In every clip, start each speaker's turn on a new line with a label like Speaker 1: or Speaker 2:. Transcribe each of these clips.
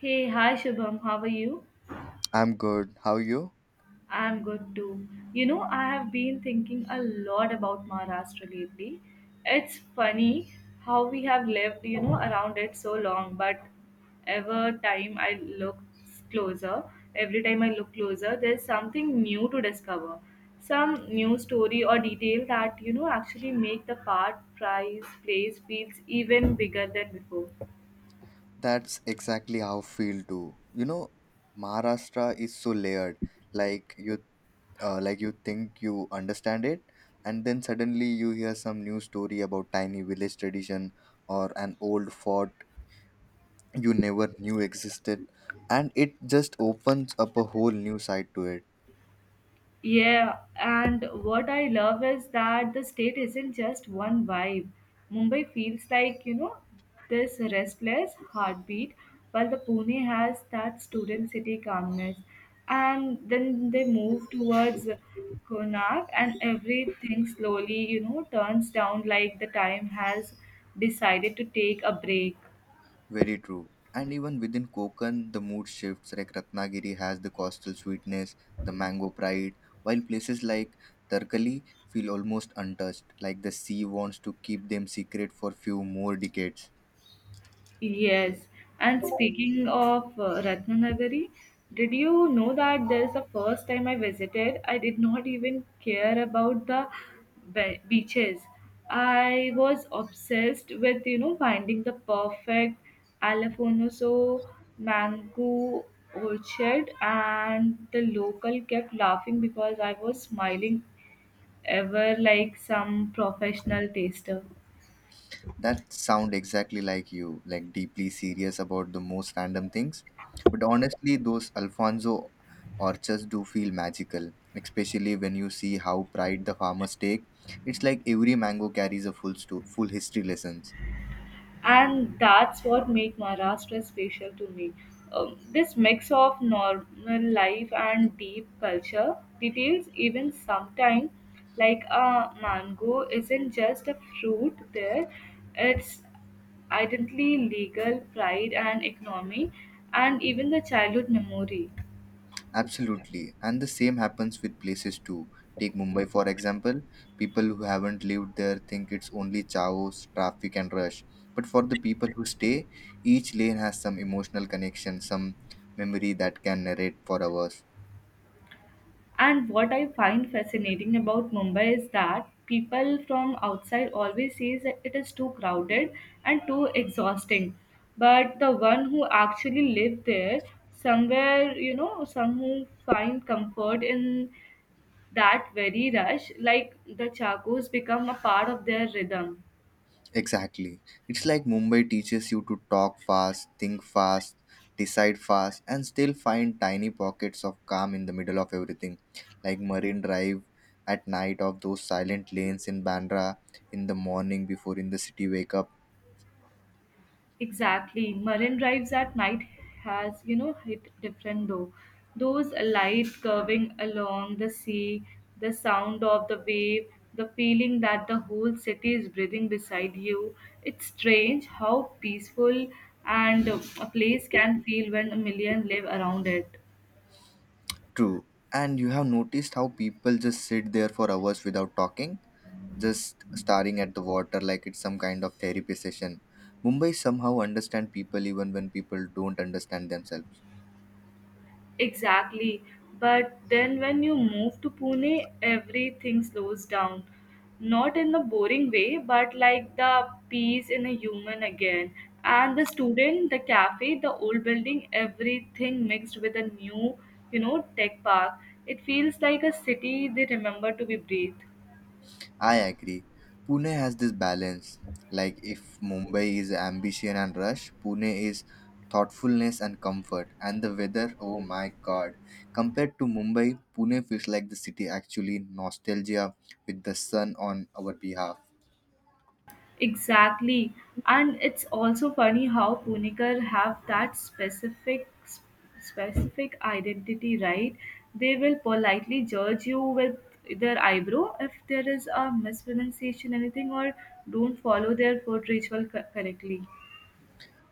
Speaker 1: Hey, hi Shubham, how are you?
Speaker 2: I'm good. How are you?
Speaker 1: I'm good too. I have been thinking a lot about Maharashtra lately. It's funny how we have lived, around it so long, but every time I look closer, every time I look closer, there's something new to discover. Some new story or detail that, actually make the part, price, place feels even bigger than before.
Speaker 2: That's exactly how I feel too. You know, Maharashtra is so layered. Like you, like you think you understand it, and then suddenly you hear some new story about tiny village tradition or an old fort you never knew existed, and it just opens up a whole new side to it.
Speaker 1: Yeah, and what I love is that the state isn't just one vibe. Mumbai feels like, this restless heartbeat, while the Pune has that student city calmness. And then they move towards Konark, and everything slowly, turns down like the time has decided to take a break.
Speaker 2: Very true. And even within Konkan, the mood shifts. Like Ratnagiri has the coastal sweetness, the mango pride, while places like Tarkali feel almost untouched, like the sea wants to keep them secret for few more decades.
Speaker 1: Yes, and speaking of Ratnanagari, did you know that there's the first time I visited, I did not even care about the beaches. I was obsessed with finding the perfect Alafonoso mango orchard, and the local kept laughing because I was smiling ever like some professional taster.
Speaker 2: That sound exactly like you, like deeply serious about the most random things. But honestly, those Alfonso orchards do feel magical, especially when you see how pride the farmers take. It's like every mango carries a full history lesson.
Speaker 1: And that's what makes Maharashtra special to me. This mix of normal life and deep culture details even sometimes like a mango isn't just a fruit there, it's identity legal pride and economy and even the childhood memory.
Speaker 2: Absolutely. And the same happens with places too. Take Mumbai for example. People who haven't lived there think it's only chaos, traffic, and rush. But for the people who stay, each lane has some emotional connection, some memory that can narrate for hours.
Speaker 1: And what I find fascinating about Mumbai is that people from outside always says that it is too crowded and too exhausting. But the one who actually live there, somewhere, some who find comfort in that very rush, like the chacos become a part of their rhythm.
Speaker 2: Exactly. It's like Mumbai teaches you to talk fast, think fast, decide fast, and still find tiny pockets of calm in the middle of everything. Like Marine Drive at night, of those silent lanes in Bandra, in the morning before in the city wake up.
Speaker 1: Exactly. Marine drives at night has, hit different though. Those light curving along the sea, the sound of the wave, the feeling that the whole city is breathing beside you. It's strange how peaceful and a place can feel when a million live around it.
Speaker 2: True. And you have noticed how people just sit there for hours without talking, just staring at the water like it's some kind of therapy session. Mumbai somehow understand people even when people don't understand themselves.
Speaker 1: Exactly. But then when you move to Pune, everything slows down. Not in a boring way, but like the peace in a human again. And the student, the cafe, the old building, everything mixed with a new, tech park. It feels like a city they remember to be breathed.
Speaker 2: I agree. Pune has this balance. Like if Mumbai is ambition and rush, Pune is thoughtfulness and comfort. And the weather, oh my god. Compared to Mumbai, Pune feels like the city actually nostalgia with the sun on our behalf.
Speaker 1: Exactly. And it's also funny how Punikar have that specific identity, right? They will politely judge you with their eyebrow if there is a mispronunciation, anything, or don't follow their food ritual correctly.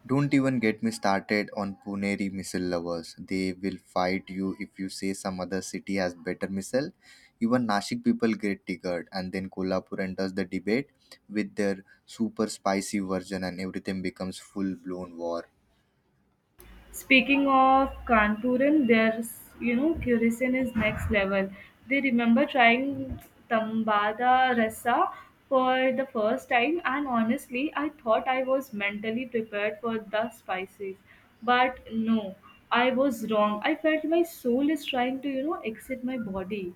Speaker 2: Don't even get me started on Puneri missile lovers. They will fight you if you say some other city has better missile. Even Nashik people get triggered, and then Kolhapur enters the debate with their super spicy version, and everything becomes full blown war.
Speaker 1: Speaking of Kanpuran, there's Curacao is next level. They remember trying Tambada Rasa for the first time, and honestly, I thought I was mentally prepared for the spices, but no, I was wrong. I felt my soul is trying to exit my body.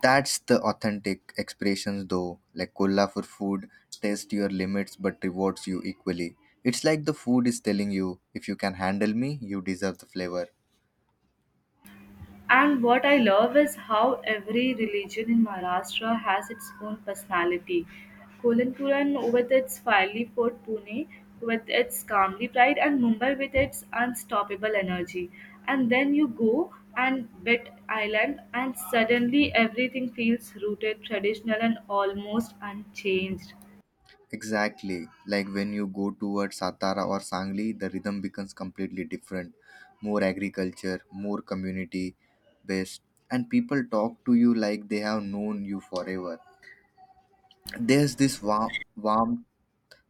Speaker 2: That's the authentic expressions, though. Like Kolhapur food tests your limits but rewards you equally. It's like the food is telling you if you can handle me, you deserve the flavor.
Speaker 1: And what I love is how every religion in Maharashtra has its own personality. Kolanpuran with its fiery fort, Pune with its calmly pride, and Mumbai with its unstoppable energy. And then you go and bit island, and suddenly everything feels rooted, traditional, and almost unchanged.
Speaker 2: Exactly. Like when you go towards Satara or Sangli, the rhythm becomes completely different. More agriculture, more community based, and people talk to you like they have known you forever. There's this warmth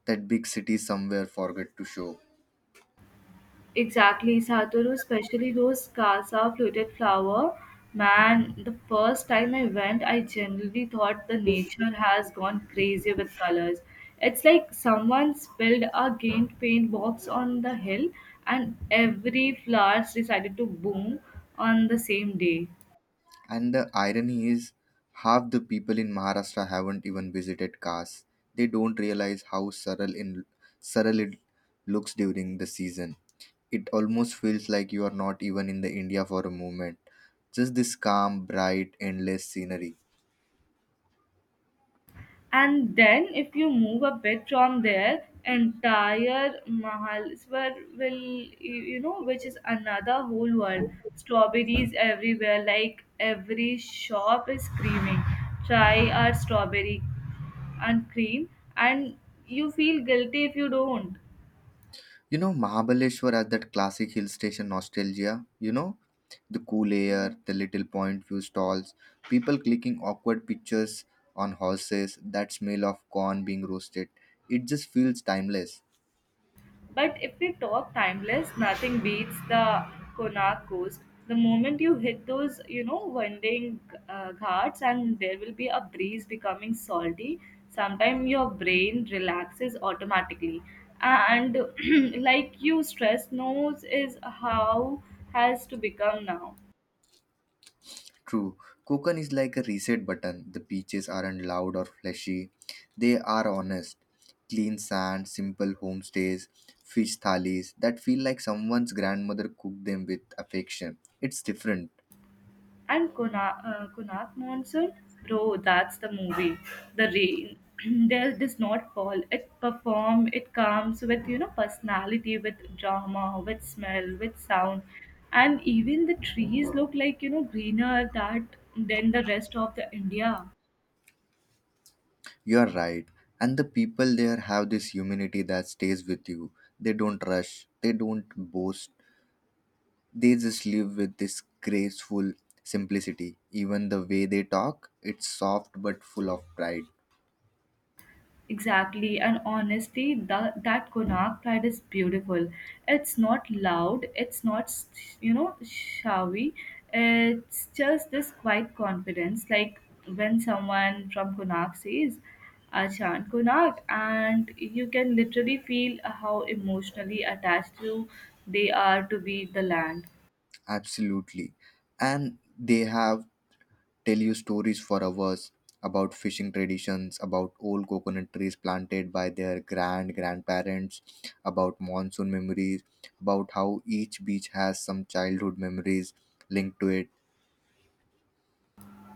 Speaker 2: that big cities somewhere forget to show.
Speaker 1: Exactly, Satoru, especially those Casa fluted flower. Man, the first time I went, I generally thought the nature has gone crazy with colors. It's like someone spilled a giant paint box on the hill, and every flower decided to bloom on the same day.
Speaker 2: And the irony is, half the people in Maharashtra haven't even visited Kas. They don't realize how surreal it looks during the season. It almost feels like you are not even in the India for a moment. Just this calm, bright, endless scenery.
Speaker 1: And then, if you move a bit from there, entire Mahalswar will, which is another whole world. Strawberries everywhere, like every shop is screaming, try our strawberry and cream, and you feel guilty if you don't.
Speaker 2: You know, Mahabaleshwar has that classic hill station nostalgia. You know, the cool air, the little point view stalls, people clicking awkward pictures on horses, that smell of corn being roasted. It just feels timeless.
Speaker 1: But if we talk timeless, nothing beats the Konark Coast. The moment you hit those, winding ghats, and there will be a breeze becoming salty. Sometimes your brain relaxes automatically, and like you, stress knows is how has to become now.
Speaker 2: True, Kokan is like a reset button. The beaches aren't loud or flashy, they are honest. Clean sand, simple homestays, fish thalis that feel like someone's grandmother cooked them with affection. It's different.
Speaker 1: And Konark Monsoon, bro, that's the movie. The rain there does not fall. It perform. It comes with personality, with drama, with smell, with sound, and even the trees look like greener that than the rest of the India.
Speaker 2: You are right. And the people there have this humanity that stays with you. They don't rush, they don't boast, they just live with this graceful simplicity. Even the way they talk, it's soft but full of pride.
Speaker 1: Exactly, and honestly, that Konark pride is beautiful. It's not loud, it's not showy. It's just this quiet confidence, like when someone from Konark says, "Achan Konark," and you can literally feel how emotionally attached you they are to be the land.
Speaker 2: Absolutely. And they have tell you stories for hours about fishing traditions, about old coconut trees planted by their grand grandparents, about monsoon memories, about how each beach has some childhood memories linked to it.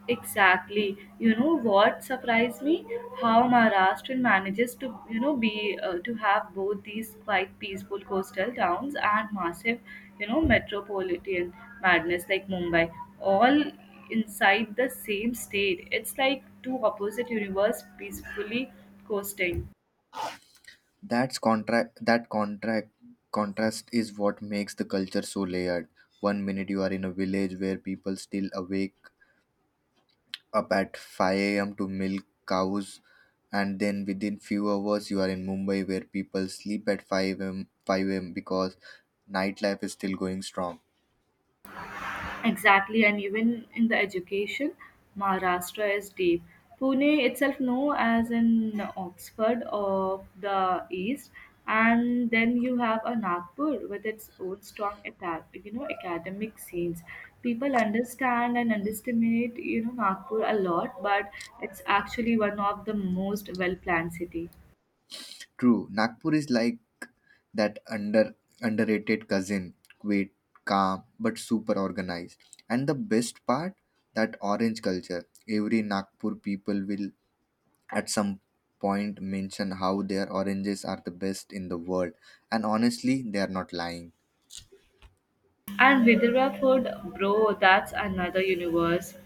Speaker 1: Exactly. You know what surprised me? How Maharashtra manages to, be to have both these quite peaceful coastal towns and massive, metropolitan madness like Mumbai, all inside the same state. It's like two opposite universe peacefully coasting.
Speaker 2: That's contract that contract contrast is what makes the culture so layered. One minute you are in a village where people still awake up at 5 a.m. to milk cows, and then within few hours you are in Mumbai where people sleep at 5 a.m. because nightlife is still going strong.
Speaker 1: Exactly, and even in the education, Maharashtra is deep. Pune itself, known as an Oxford of the East, and then you have a Nagpur with its own strong attack, academic scenes. People understand and underestimate, Nagpur a lot, but it's actually one of the most well-planned city.
Speaker 2: True, Nagpur is like that underrated cousin, quite calm but super organized. And the best part, that orange culture. Every Nagpur people will at some point mention how their oranges are the best in the world. And honestly, they are not lying.
Speaker 1: And Vidarbha food, bro, that's another universe.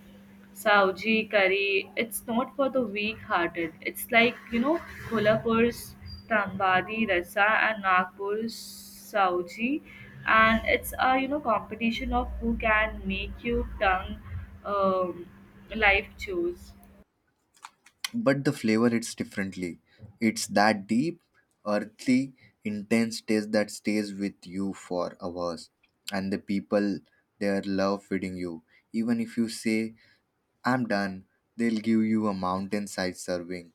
Speaker 1: Sauji curry, it's not for the weak hearted. It's like, Kolhapur's Tambadi Rasa and Nagpur's Sauji. And it's a, competition of who can make your tongue um, life choose.
Speaker 2: But the flavor hits differently. It's that deep, earthy, intense taste that stays with you for hours. And the people there love feeding you. Even if you say, "I'm done," they'll give you a mountainside serving.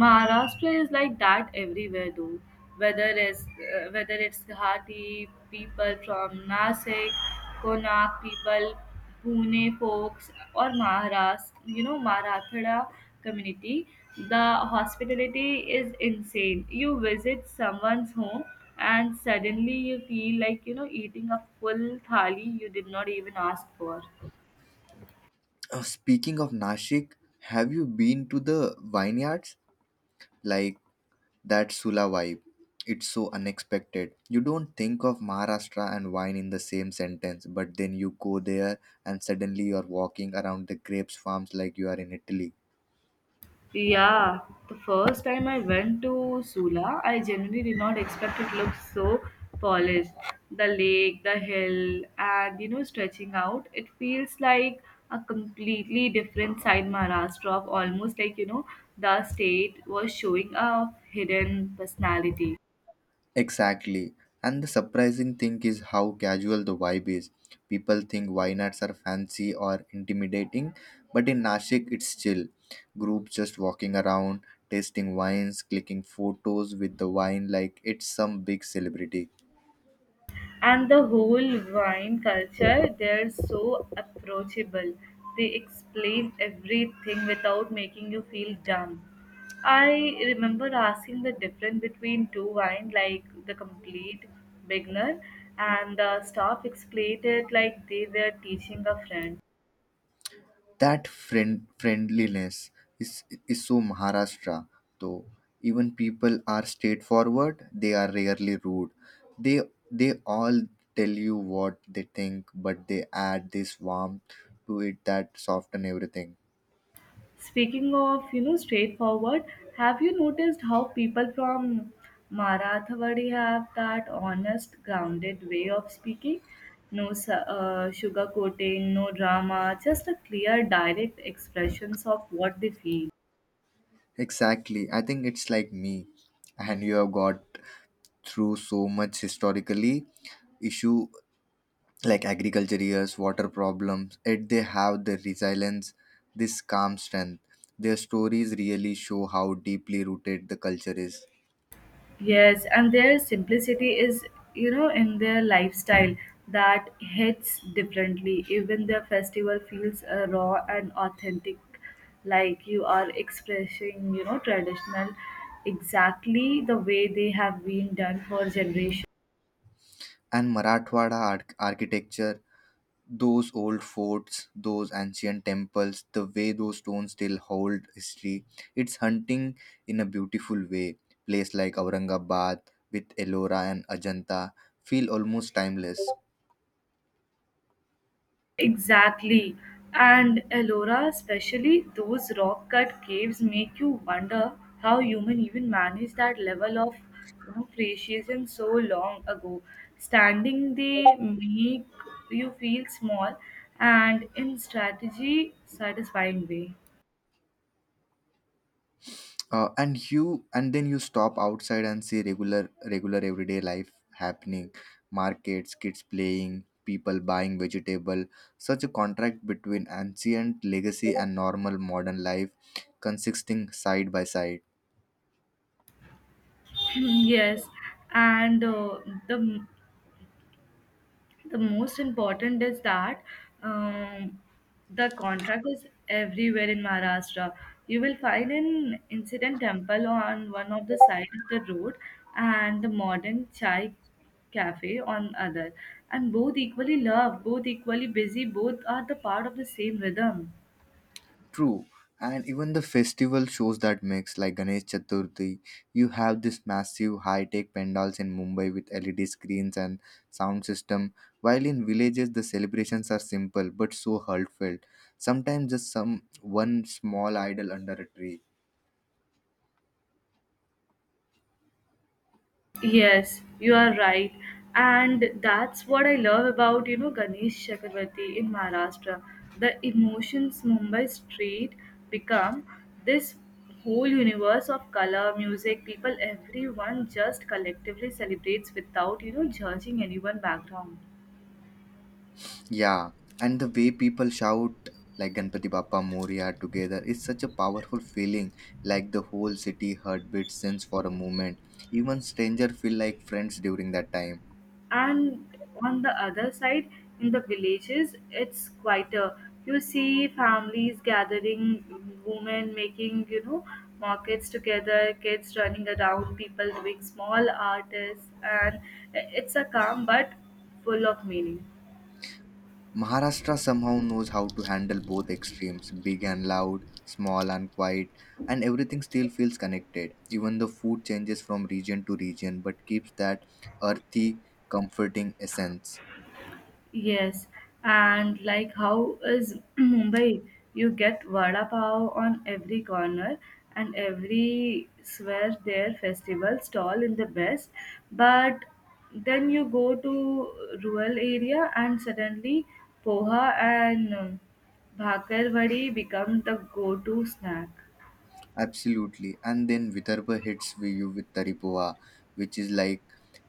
Speaker 1: Maharashtra is like that everywhere though. Whether it's Guwahati people from Nasik, Konak people, Pune folks, or Maharashtra, Marathwada community, the hospitality is insane. You visit someone's home and suddenly you feel like eating a full thali you did not even ask for.
Speaker 2: Speaking of Nashik, have you been to the vineyards? Like that Sula vibe. It's so unexpected. You don't think of Maharashtra and wine in the same sentence, but then you go there and suddenly you're walking around the grapes farms like you are in Italy.
Speaker 1: Yeah, the first time I went to Sula, I genuinely did not expect it looked so polished. The lake, the hill, and stretching out, it feels like a completely different side Maharashtra of almost like the state was showing a hidden personality.
Speaker 2: Exactly. And the surprising thing is how casual the vibe is. People think vineyards are fancy or intimidating, but in Nashik it's chill. Groups just walking around, tasting wines, clicking photos with the wine like it's some big celebrity.
Speaker 1: And the whole wine culture they're so approachable, they explain everything without making you feel dumb. I remember asking the difference between two wine, like the complete beginner, and the staff explained it like they were teaching a friend.
Speaker 2: That friendliness is so Maharashtra though. Even people are straightforward, they are rarely rude. They they all tell you what they think, but they add this warmth to it that soften everything.
Speaker 1: Speaking of, straightforward, have you noticed how people from Marathwadi have that honest, grounded way of speaking? No sugarcoating, no drama, just a clear, direct expressions of what they feel.
Speaker 2: Exactly. I think it's like me. And you have got through so much historically issue like agriculture years, water problems, yet they have the resilience, this calm strength. Their stories really show how deeply rooted the culture is.
Speaker 1: Yes, and their simplicity is, in their lifestyle that hits differently. Even their festival feels raw and authentic, like you are expressing, traditional exactly the way they have been done for generations.
Speaker 2: And architecture, those old forts, those ancient temples, the way those stones still hold history, it's hunting in a beautiful way. Place like Aurangabad with Ellora and Ajanta feel almost timeless.
Speaker 1: Exactly. And Ellora, especially those rock cut caves, make you wonder how human even managed that level of precision so long ago. Standing they make you feel small and in strategy satisfying way.
Speaker 2: And then you stop outside and see regular everyday life happening, markets, kids playing, people buying vegetable. Such a contract between ancient legacy and normal modern life consisting side by side.
Speaker 1: Yes, and the most important is that um, the contract is everywhere in Maharashtra. You will find an incident temple on one of the side of the road and the modern chai cafe on other, and both equally love, both equally busy, both are the part of the same rhythm.
Speaker 2: True, and even the festival shows that mix. Like Ganesh Chaturthi, you have this massive high-tech pandals in Mumbai with LED screens and sound system. While in villages, the celebrations are simple but so heartfelt. Sometimes just some one small idol under a tree.
Speaker 1: Yes, you are right. And that's what I love about, Ganesh Chakravarti in Maharashtra. The emotions Mumbai street become this whole universe of color, music, people, everyone just collectively celebrates without, judging anyone background.
Speaker 2: Yeah, and the way people shout like Ganpati Bappa Moria together is such a powerful feeling. Like the whole city heartbeat since for a moment. Even stranger feel like friends during that time.
Speaker 1: And on the other side in the villages it's quieter, you see families gathering, women making markets together, kids running around, people doing small artists, and it's a calm but full of meaning.
Speaker 2: Maharashtra somehow knows how to handle both extremes, big and loud, small and quiet, and everything still feels connected. Even the food changes from region to region but keeps that earthy, comforting essence.
Speaker 1: Yes, and like how is Mumbai? You get vada pav on every corner and every swear their festival stall in the best, but then you go to rural area and suddenly poha and bhakarwadi become the go-to snack.
Speaker 2: Absolutely. And then Vidarbha hits you with tari poha, which is like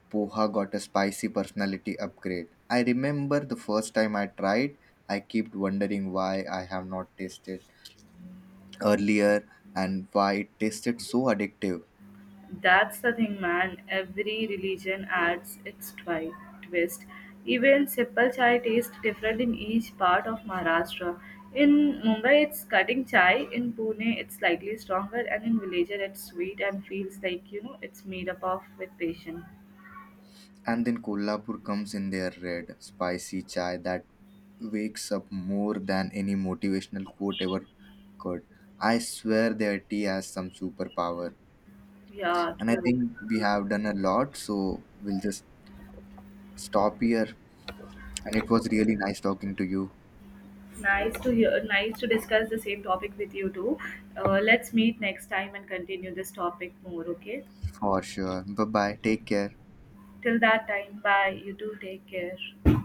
Speaker 2: Poha got a spicy personality upgrade. I remember the first time I tried, I kept wondering why I have not tasted earlier and why it tasted so addictive.
Speaker 1: That's the thing, man. Every religion adds its twist. Even simple chai tastes different in each part of Maharashtra. In Mumbai, it's cutting chai. In Pune, it's slightly stronger, and in Villager, it's sweet and feels like it's made up of with patience.
Speaker 2: And then Kolhapur comes in their red, spicy chai that wakes up more than any motivational quote ever could. I swear their tea has some superpower.
Speaker 1: Yeah,
Speaker 2: And I
Speaker 1: cool.
Speaker 2: think we have done a lot, so we'll just stop here. And it was really nice talking to you
Speaker 1: Nice to hear. Nice to discuss the same topic with you too. Let's meet next time and continue this topic more. Okay.
Speaker 2: for sure. Bye bye. Take care.
Speaker 1: Till that time, bye. You do take care.